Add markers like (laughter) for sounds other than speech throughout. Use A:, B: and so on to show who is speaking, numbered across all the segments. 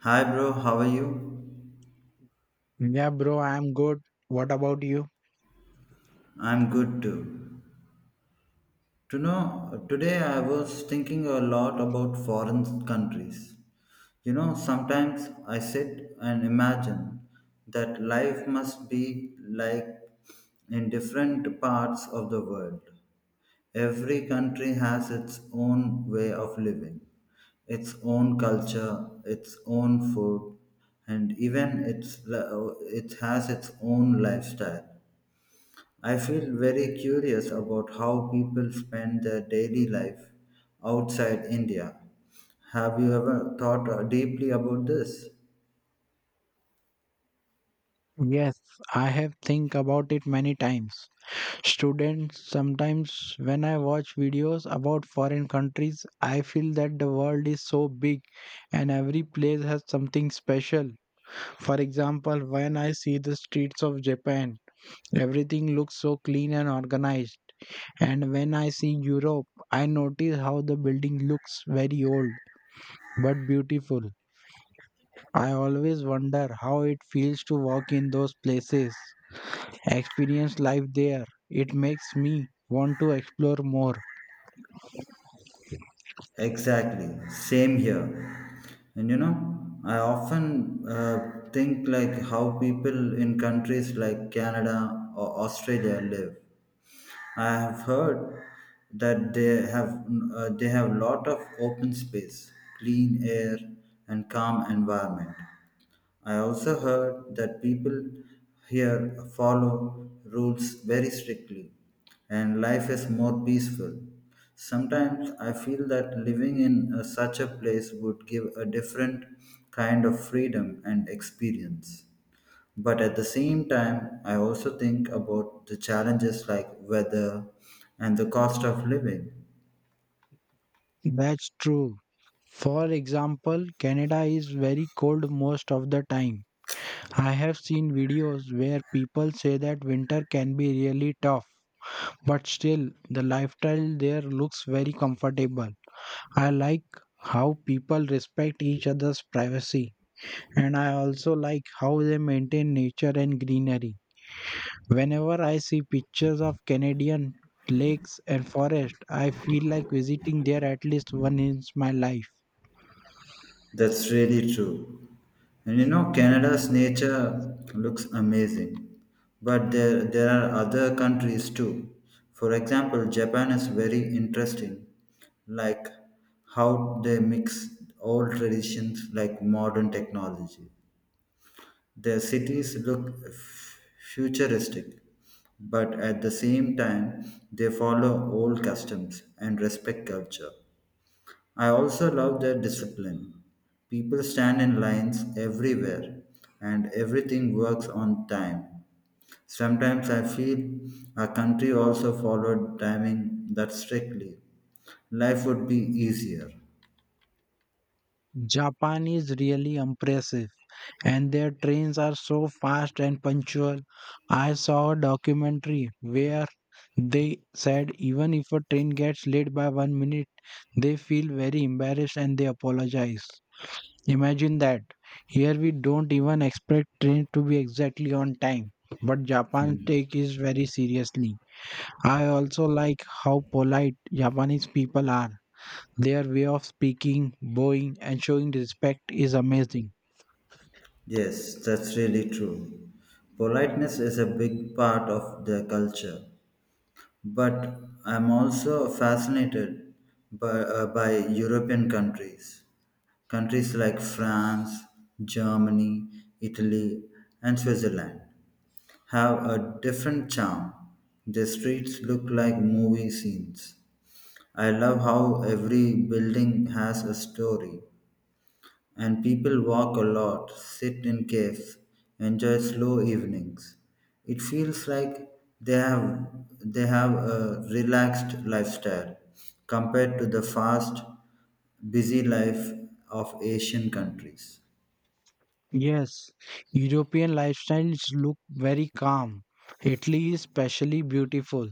A: Hi bro, how are you?
B: Yeah, bro, I'm good. What about you?
A: I'm good too. To know, today I was thinking a lot about foreign countries. You know, sometimes I sit and imagine that life must be like in different parts of the world. Every country has its own way of living, its own culture, its own food, and even its, it has its own lifestyle. I feel very curious about how people spend their daily life outside India. Have you ever thought deeply about this?
B: Yes, I have think about it many times. Students, sometimes when I watch videos about foreign countries, I feel that the world is so big and every place has something special. For example, when I see the streets of Japan, everything looks so clean and organized. And when I see Europe, I notice how the building looks very old but beautiful. I always wonder how it feels to walk in those places, experience life there. It makes me want to explore more.
A: Exactly, same here. And you know, I often think like how people in countries like Canada or Australia live. I have heard that they have lot of open space, clean air, and calm environment. I also heard that people here follow rules very strictly and life is more peaceful. Sometimes I feel that living in such a place would give a different kind of freedom and experience. But at the same time, I also think about the challenges like weather and the cost of living.
B: That's true. For example, Canada is very cold most of the time. I have seen videos where people say that winter can be really tough, but still, the lifestyle there looks very comfortable. I like how people respect each other's privacy, and I also like how they maintain nature and greenery. Whenever I see pictures of Canadian lakes and forests, I feel like visiting there at least once in my life.
A: That's really true. And you know, Canada's nature looks amazing, but there are other countries too. For example, Japan is very interesting, like how they mix old traditions like modern technology. Their cities look futuristic, but at the same time, they follow old customs and respect culture. I also love their discipline. People stand in lines everywhere and everything works on time. Sometimes I feel our country also followed timing that strictly. Life would be easier.
B: Japan is really impressive, and their trains are so fast and punctual. I saw a documentary where they said even if a train gets late by 1 minute, they feel very embarrassed and they apologize. Imagine that. Here we don't even expect train to be exactly on time, but Japan take it very seriously. I also like how polite Japanese people are. Their way of speaking, bowing, and showing respect is amazing.
A: Yes, that's really true. Politeness is a big part of their culture. But I'm also fascinated by European countries. Countries like France, Germany, Italy, and Switzerland have a different charm. Their streets look like movie scenes. I love how every building has a story, and people walk a lot, sit in caves, enjoy slow evenings. It feels like they have they have a relaxed lifestyle compared to the fast, busy life of Asian countries.
B: Yes, European lifestyles look very calm. Italy is especially beautiful.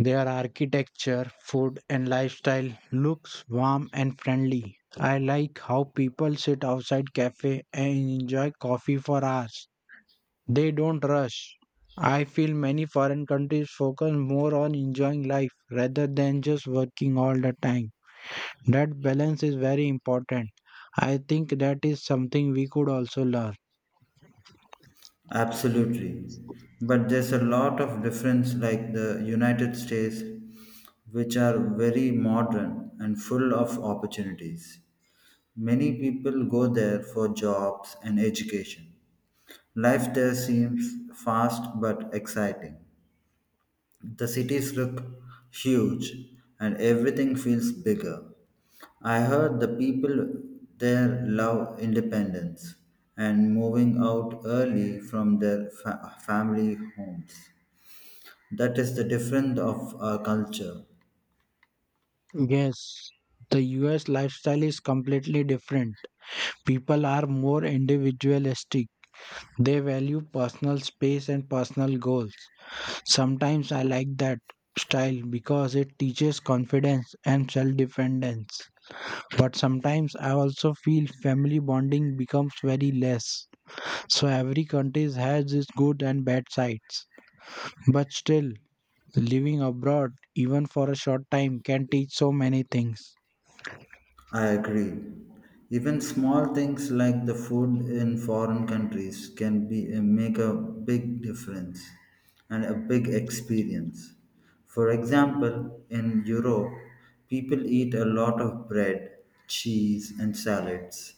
B: Their architecture, food, and lifestyle looks warm and friendly. I like how people sit outside cafe and enjoy coffee for hours. They don't rush. I feel many foreign countries focus more on enjoying life rather than just working all the time. That balance is very important. I think that is something we could also learn.
A: Absolutely. But there's a lot of difference, like the United States, which are very modern and full of opportunities. Many people go there for jobs and education. Life there seems fast but exciting. The cities look huge and everything feels bigger. I heard the people there love independence and moving out early from their family homes. That is the difference of our culture.
B: Yes, the US lifestyle is completely different. People are more individualistic. They value personal space and personal goals. Sometimes I like that style because it teaches confidence and self dependence. But sometimes I also feel family bonding becomes very less. So every country has its good and bad sides. But still, living abroad, even for a short time, can teach so many things.
A: I agree. Even small things like the food in foreign countries can be make a big difference and a big experience. For example, in Europe, people eat a lot of bread, cheese, and salads.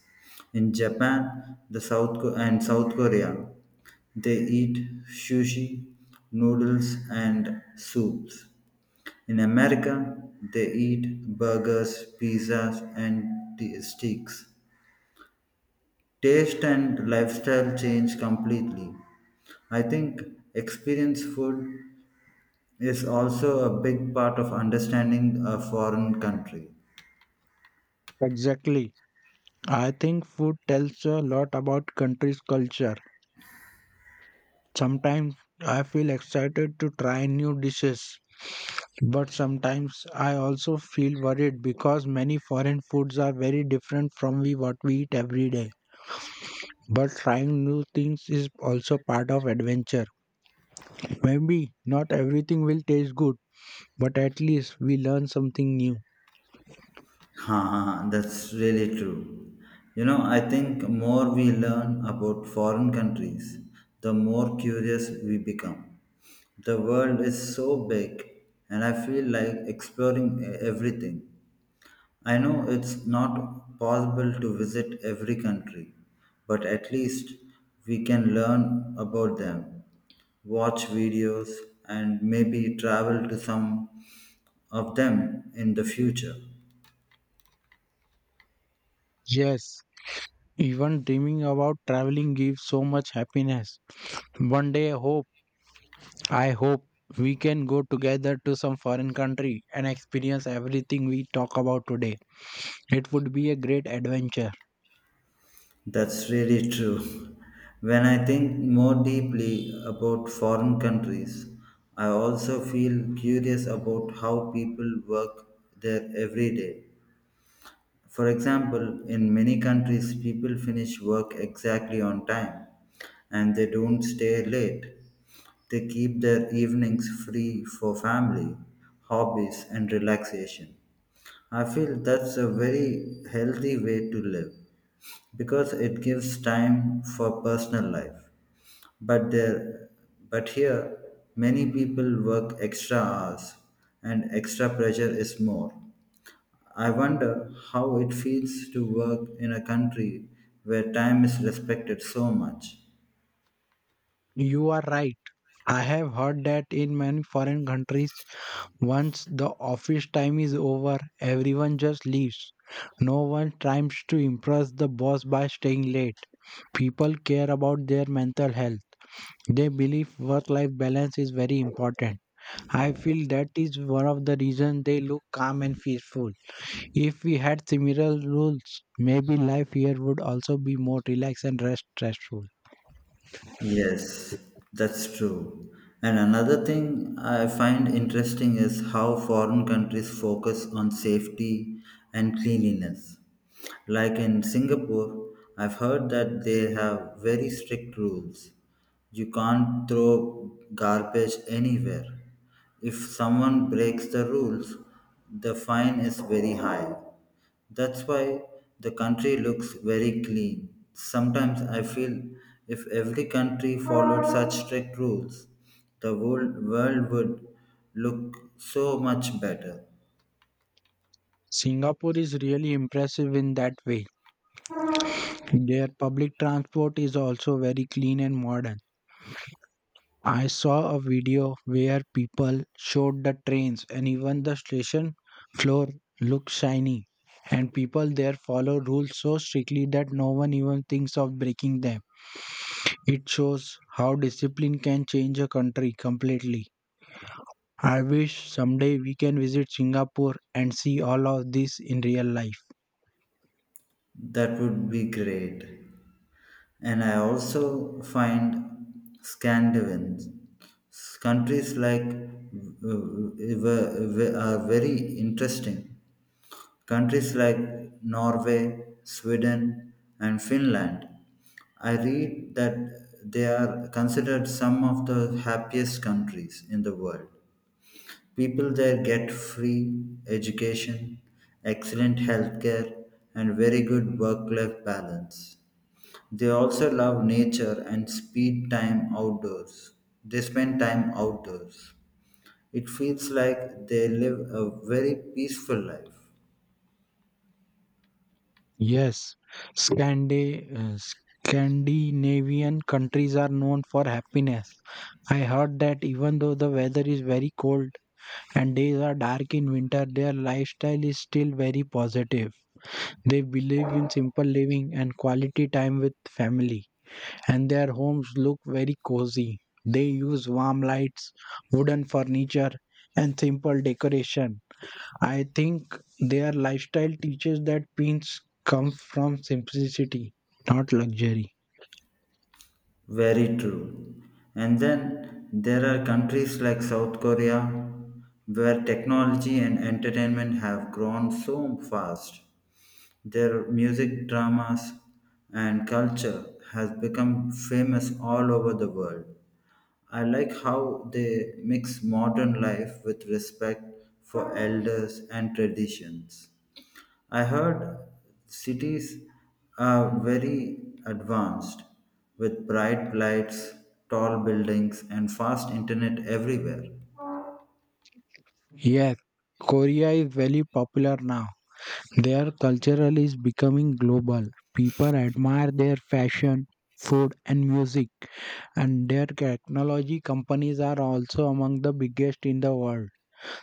A: In Japan, the South Ko- and South Korea, they eat sushi, noodles, and soups. In America, they eat burgers, pizzas, and steaks. Taste and lifestyle change completely. I think experience food is also a big part of understanding a foreign country.
B: Exactly. I think food tells you a lot about country's culture. Sometimes I feel excited to try new dishes, but sometimes I also feel worried because many foreign foods are very different from what we eat every day. But trying new things is also part of adventure. Maybe not everything will taste good, but at least we learn something new.
A: Huh, huh, that's really true. You know, I think more we learn about foreign countries, the more curious we become. The world is so big, and I feel like exploring everything. I know it's not possible to visit every country, but at least we can learn about them, watch videos, and maybe travel to some of them in the future.
B: Yes, even dreaming about traveling gives so much happiness. One day I hope we can go together to some foreign country and experience everything we talk about today. It would be a great adventure.
A: That's really true. When I think more deeply about foreign countries, I also feel curious about how people work there everyday. For example, in many countries, people finish work exactly on time and they don't stay late. They keep their evenings free for family, hobbies, and relaxation. I feel that's a very healthy way to live because it gives time for personal life. But there, but here, many people work extra hours, and extra pressure is more. I wonder how it feels to work in a country where time is respected so much.
B: You are right. I have heard that in many foreign countries, once the office time is over, everyone just leaves. No one tries to impress the boss by staying late. People care about their mental health. They believe work life balance is very important. I feel that is one of the reasons they look calm and peaceful. If we had similar rules, maybe life here would also be more relaxed and less stressful.
A: Yes, that's true. And another thing I find interesting is how foreign countries focus on safety and cleanliness. Like in Singapore, I've heard that they have very strict rules. You can't throw garbage anywhere. If someone breaks the rules, the fine is very high. That's why the country looks very clean. Sometimes I feel if every country followed such strict rules, world would look so much better.
B: Singapore is really impressive in that way. Their public transport is also very clean and modern. I saw a video where people showed the trains and even the station floor looked shiny. And people there follow rules so strictly that no one even thinks of breaking them. It shows how discipline can change a country completely. I wish someday we can visit Singapore and see all of this in real life.
A: That would be great. And I also find Scandinavian countries like are very interesting countries like Norway, Sweden, and Finland. I read that they are considered some of the happiest countries in the world. People there get free education, excellent healthcare, and very good work life balance. They also love nature and speed time outdoors. They spend time outdoors. It feels like they live a very peaceful life.
B: Yes, Scandi- uh, Scandinavian countries are known for happiness. I heard that even though the weather is very cold and days are dark in winter, their lifestyle is still very positive. They believe in simple living and quality time with family, and their homes look very cozy. They use warm lights, wooden furniture, and simple decoration. I think their lifestyle teaches that pins come from simplicity, not luxury.
A: Very true. And then there are countries like South Korea where technology and entertainment have grown so fast. Their music, dramas, and culture has become famous all over the world. I like how they mix modern life with respect for elders and traditions. I heard cities are very advanced with bright lights, tall buildings, and fast internet everywhere.
B: Yes, Korea is very popular now. Their cultural is becoming global. People admire their fashion, food, and music, and their technology companies are also among the biggest in the world.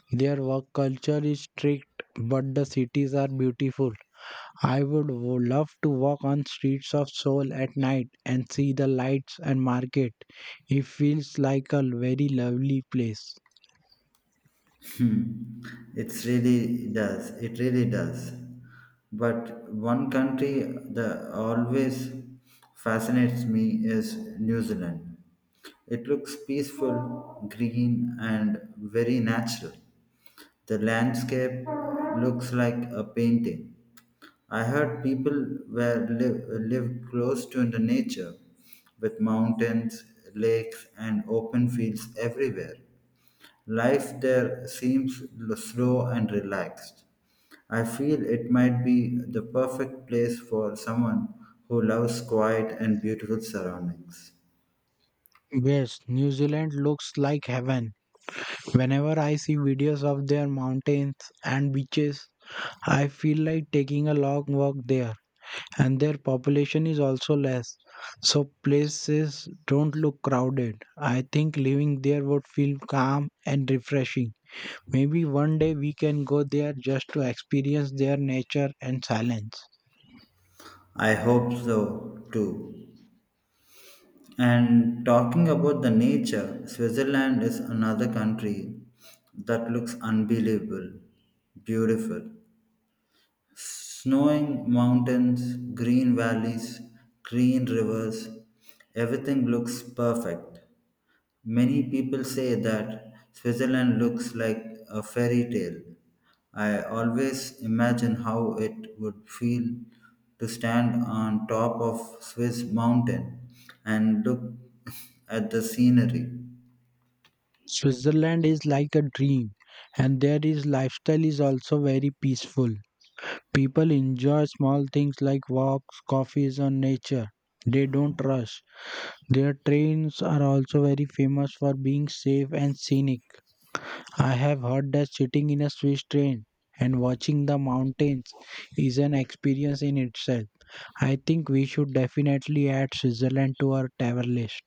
B: Their work culture is strict, but the cities are beautiful. I would love to walk on streets of Seoul at night and see the lights and market. It feels like a very lovely place.
A: Hmm. It really does. But one country that always fascinates me is New Zealand. It looks peaceful, green, and very natural. The landscape looks like a painting. I heard were live, live close to the nature with mountains, lakes, and open fields everywhere. Life there seems slow and relaxed. I feel it might be the perfect place for someone who loves quiet and beautiful surroundings.
B: Yes, New Zealand looks like heaven. Whenever I see videos of their mountains and beaches, I feel like taking a long walk there. And their population is also less, so places don't look crowded. I think living there would feel calm and refreshing. Maybe one day we can go there just to experience their nature and silence.
A: I hope so too. And talking about the nature, Switzerland is another country that looks unbelievable, beautiful. Snowing mountains, green valleys, green rivers, everything looks perfect. Many people say that Switzerland looks like a fairy tale. I always imagine how it would feel to stand on top of Swiss mountain and look (laughs) at the scenery.
B: Switzerland is like a dream, and their is lifestyle is also very peaceful. People enjoy small things like walks, coffees, and nature. They don't rush. Their trains are also very famous for being safe and scenic. I have heard that sitting in a Swiss train and watching the mountains is an experience in itself. I think we should definitely add Switzerland to our travel list.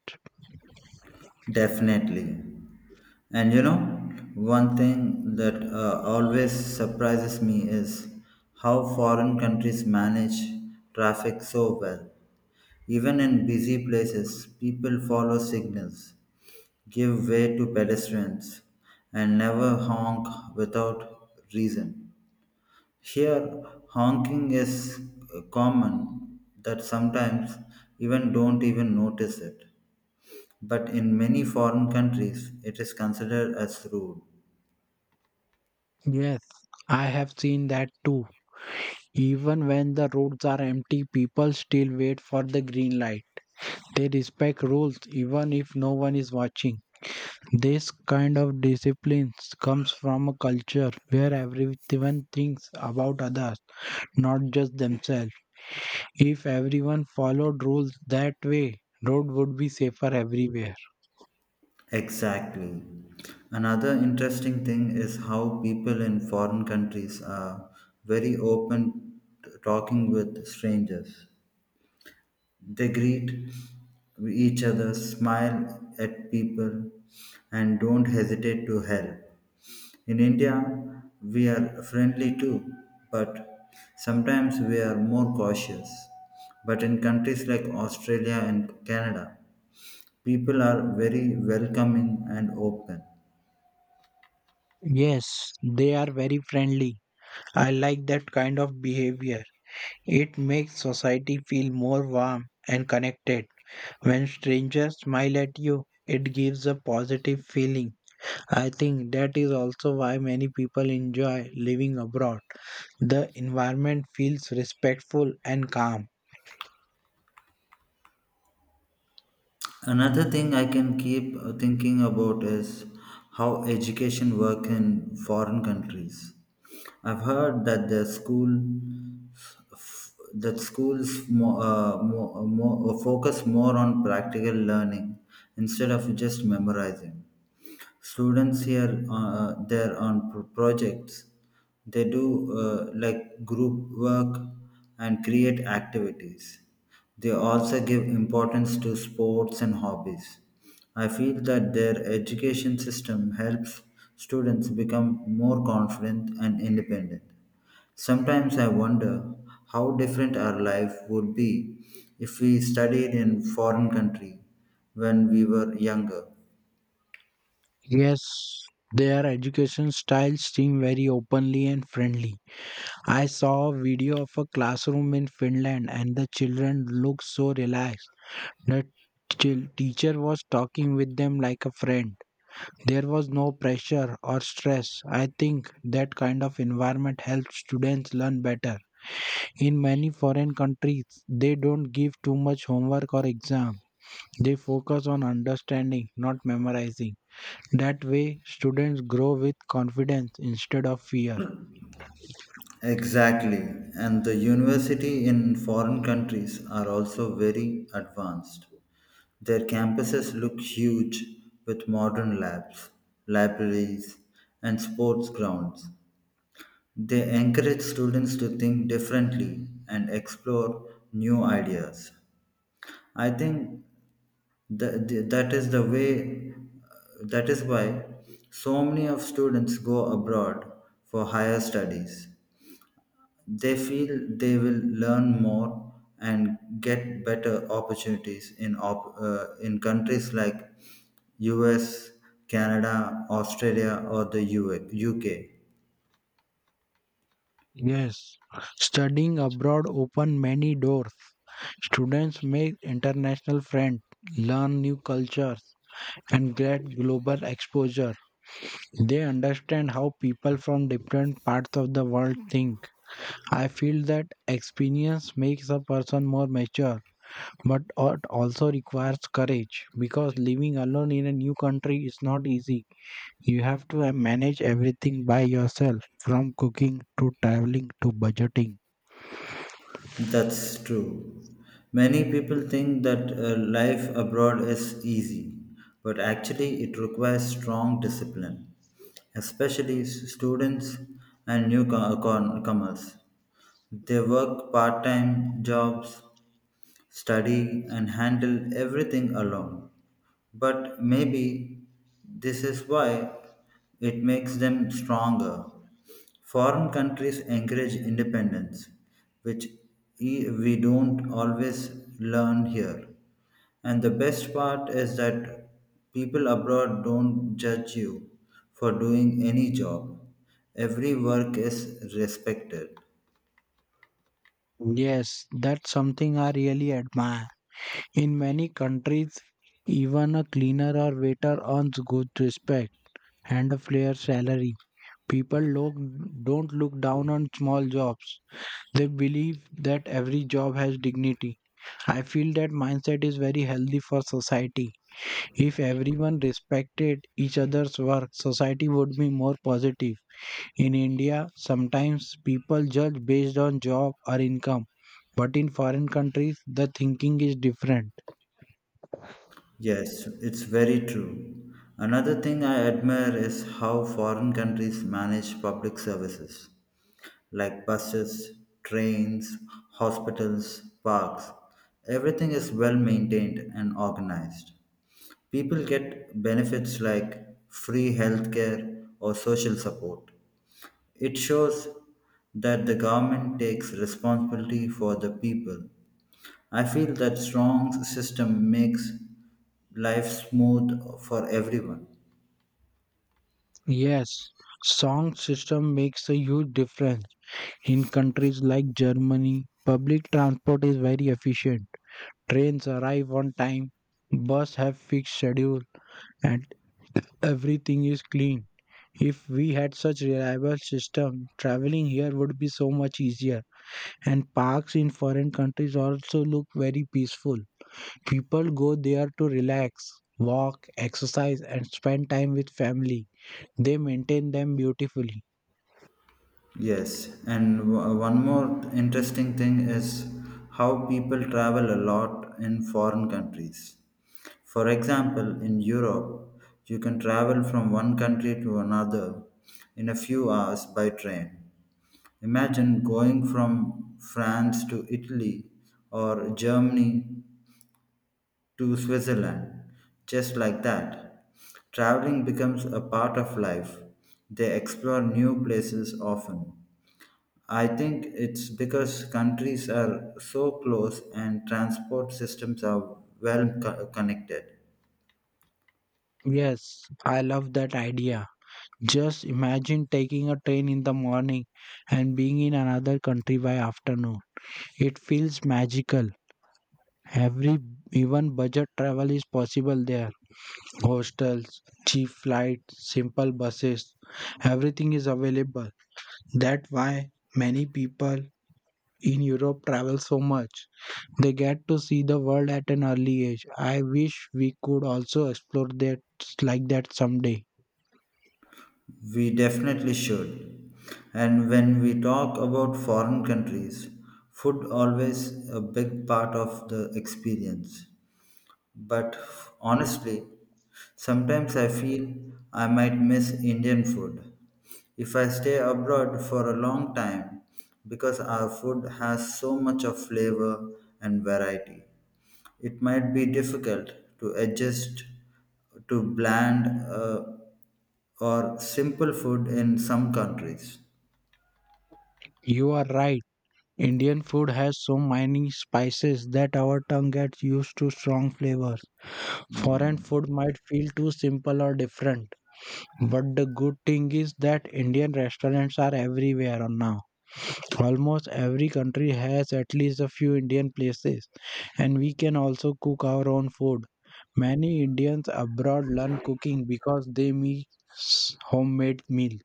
A: Definitely. And you know, one thing that always surprises me is how foreign countries manage traffic so well. Even in busy places, people follow signals give way to pedestrians, and never honk without reason. Here, honking is common that sometimes even don't even notice it. But in many foreign countries, it is considered as rude.
B: Yes, I have seen that too. Even when the roads are empty, people still wait for the green light. They respect rules even if no one is watching. This kind of discipline comes from a culture where everyone thinks about others, not just themselves. If everyone followed rules that way, road would be safer everywhere.
A: Exactly. Another interesting thing is how people in foreign countries are very open to talking with strangers. They greet each other, smile at people, and don't hesitate to help. In India, we are friendly too, but sometimes we are more cautious. But in countries like Australia and Canada, people are very welcoming and open.
B: Yes, they are very friendly. I like that kind of behavior. It makes society feel more warm and connected. When strangers smile at you, it gives a positive feeling. I think that is also why many people enjoy living abroad. The environment feels respectful and calm.
A: Another thing I can keep thinking about is how education work in foreign countries. I've heard that the school that schools focus more on practical learning instead of just memorizing students here there on projects they do like group work and create activities they also give importance to sports and hobbies I feel that their education system helps students become more confident and independent. Sometimes I wonder how different our life would be if we studied in foreign country when we were younger.
B: Yes, their education styles seem very openly and friendly. I saw a video of a classroom in Finland and the children look so relaxed. The chill teacher was talking with them like a friend. There was no pressure or stress. I think that kind of environment helps students learn better. In many foreign countries, they don't give too much homework or exam. They focus on understanding, not memorizing. That way, students grow with confidence instead of fear.
A: Exactly, and the university in foreign countries are also very advanced. Their campuses look huge with modern labs, libraries, and sports grounds. They encourage students to think differently and explore new ideas. I think that, that is the way that is why so many of students go abroad for higher studies. They feel they will learn more and get better opportunities in in countries like US, Canada, Australia, or the UA UK.
B: Yes, studying abroad open many doors. Students make international friends, learn new cultures, and get global exposure. They understand how people from different parts of the world think. I feel that experience makes a person more mature, but it also requires courage because living alone in a new country is not easy. You have to manage everything by yourself from cooking to traveling to budgeting.
A: That's true. Many people think that life abroad is easy, but actually it requires strong discipline, especially students and newcomers. They work part time jobs, study and handle everything alone. But maybe this is why it makes them stronger. Foreign countries encourage independence, which we don't always learn here. And the best part is that people abroad don't judge you for doing any job. Every work is respected.
B: Yes, that's something I really admire. In many countries, even a cleaner or waiter earns good respect and a fair salary. People don't look down on small jobs. They believe that every job has dignity. I feel that mindset is very healthy for society. If everyone respected each other's work, society would be more positive. In India, sometimes people judge based on job or income, but in foreign countries, the thinking is different.
A: Yes, it's very true. Another thing I admire is how foreign countries manage public services like buses, trains, hospitals, parks. Everything is well maintained and organized. People get benefits like free healthcare or social support. It shows that the government takes responsibility for the people. I feel that strong system makes life smooth for everyone.
B: Yes, song system makes a huge difference. In countries like Germany, public transport is very efficient. Trains arrive on time, buses have fixed schedule, and everything is clean. If we had such reliable system, traveling here would be so much easier. And parks in foreign countries also look very peaceful. People go there to relax, walk, exercise, and spend time with family. They maintain them beautifully.
A: Yes, and one more interesting thing is how people travel a lot in foreign countries. For example, in Europe, you can travel from one country to another in a few hours by train. Imagine going from France to Italy or Germany to Switzerland. Just like that, traveling becomes a part of life. They explore new places often. I think it's because countries are so close and transport systems are well connected.
B: Yes, I love that idea. Just imagine taking a train in the morning and being in another country by afternoon. It feels magical. Every even budget travel is possible there. Hostels, cheap flights, simple buses, everything is available. That's why many people in Europe travel so much. They get to see the world at an early age. I wish we could also explore that like that someday.
A: We definitely should. And when we talk about foreign countries, food always a big part of the experience. But honestly, sometimes I feel I might miss Indian food if I stay abroad for a long time because our food has so much of flavor and variety. It might be difficult to adjust to bland or simple food in some countries.
B: You are right. Indian food has so many spices that our tongue gets used to strong flavors. Foreign
A: Mhm.
B: food might feel too simple or different, but the good thing is that Indian restaurants are everywhere now. Almost every country has at least a few Indian places, and we can also cook our own food. Many Indians abroad learn cooking because they make homemade meal.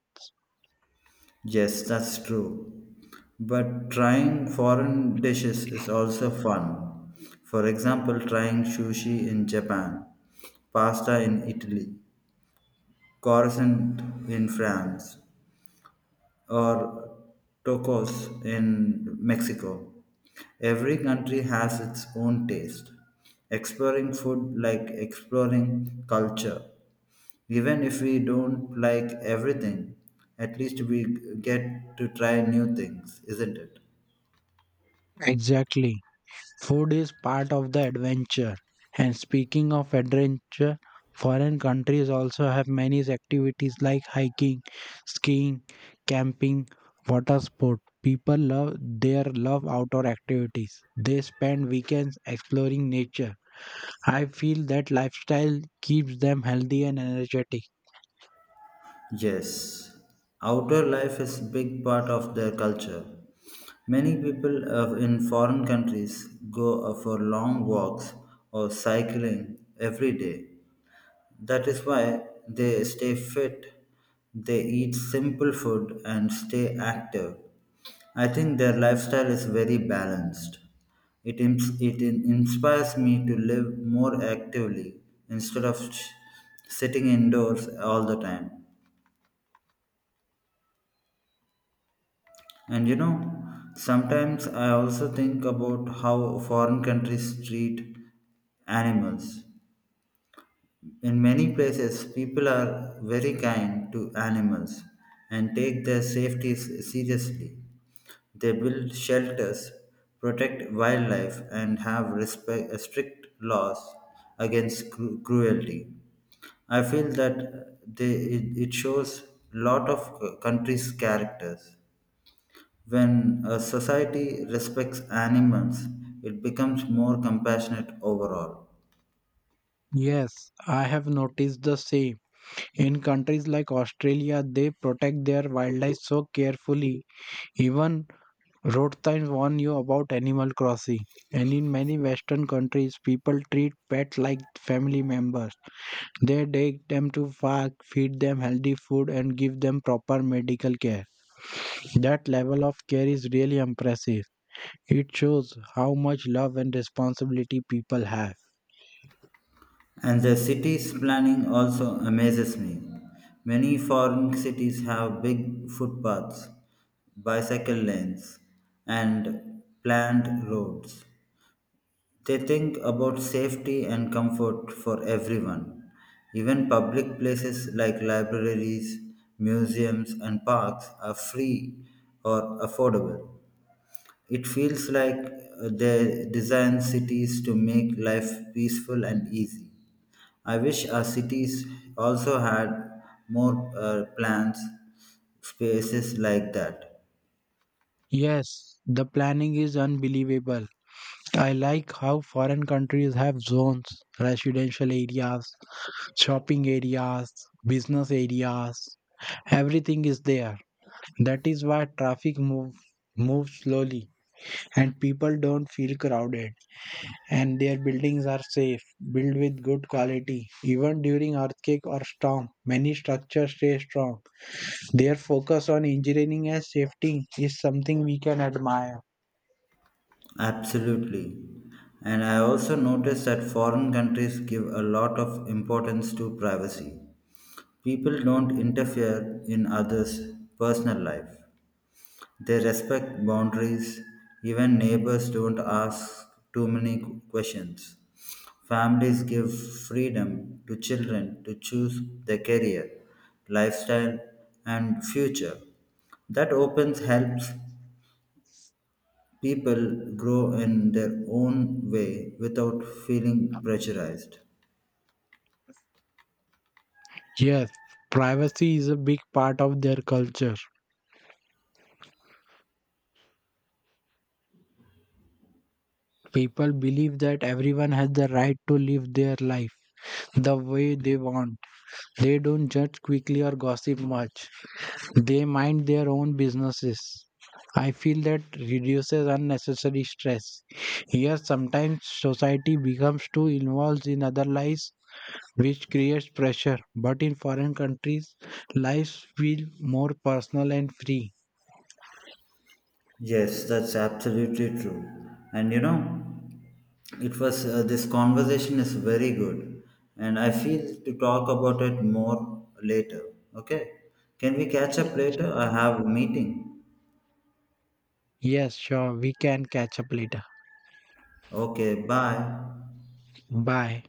A: Yes, that's true. But trying foreign dishes is also fun. For example, trying sushi in Japan, pasta in Italy, croissant in France, or tacos in Mexico. Every country has its own taste. Exploring food like exploring culture. Even if we don't like everything, at least we get to try new things, isn't it?
B: Exactly. Food is part of the adventure. And speaking of adventure, foreign countries also have many activities like hiking, skiing, camping, water sport. People love their love outdoor activities. They spend weekends exploring nature. I feel that lifestyle keeps them healthy and energetic.
A: Yes, outdoor life is a big part of their culture. Many people in foreign countries go for long walks or cycling every day. That is why they stay fit. They eat simple food and stay active. I think their lifestyle is very balanced. It inspires me to live more actively instead of sitting indoors all the time. And you know, sometimes I also think about how foreign countries treat animals. In many places, people are very kind to animals and take their safety seriously. They build shelters, protect wildlife, and have respect, strict laws against cruelty. I feel it shows lot of countries' characters. When a society respects animals, it becomes more compassionate overall.
B: Yes, I have noticed the same. In countries like Australia, they protect their wildlife so carefully. Even road signs warn you about Animal Crossing, and in many Western countries, people treat pets like family members. They take them to park, feed them healthy food, and give them proper medical care. That level of care is really impressive. It shows how much love and responsibility people have.
A: And the city's planning also amazes me. Many foreign cities have big footpaths, bicycle lanes, and planned roads. They think about safety and comfort for everyone. Even public places like libraries, museums, and parks are free or affordable. It feels like they design cities to make life peaceful and easy. I wish our cities also had more plants, spaces like that.
B: Yes, the planning is unbelievable. I like how foreign countries have zones, residential areas, shopping areas, business areas. Everything is there. That is why traffic moves slowly and people don't feel crowded and their buildings are safe, built with good quality. Even during earthquake or storm, many structures stay strong. Their focus on engineering and safety is something we can admire.
A: Absolutely. And I also noticed that foreign countries give a lot of importance to privacy. People don't interfere in others' personal life. They respect boundaries. Even neighbors don't ask too many questions. Families give freedom to children to choose their career, lifestyle, and future. That opens helps people grow in their own way without feeling pressurized.
B: Yes, privacy is a big part of their culture. People believe that everyone has the right to live their life the way they want. They don't judge quickly or gossip much. They mind their own businesses. I feel that reduces unnecessary stress. Here, sometimes society becomes too involved in other lives, which creates pressure. But in foreign countries, lives feel more personal and free.
A: Yes, that's absolutely true. And you know, it was this conversation is very good, and I feel to talk about it more later. Okay, can we catch up later? I have a meeting.
B: Yes, sure, we can catch up later.
A: Okay, bye.
B: Bye.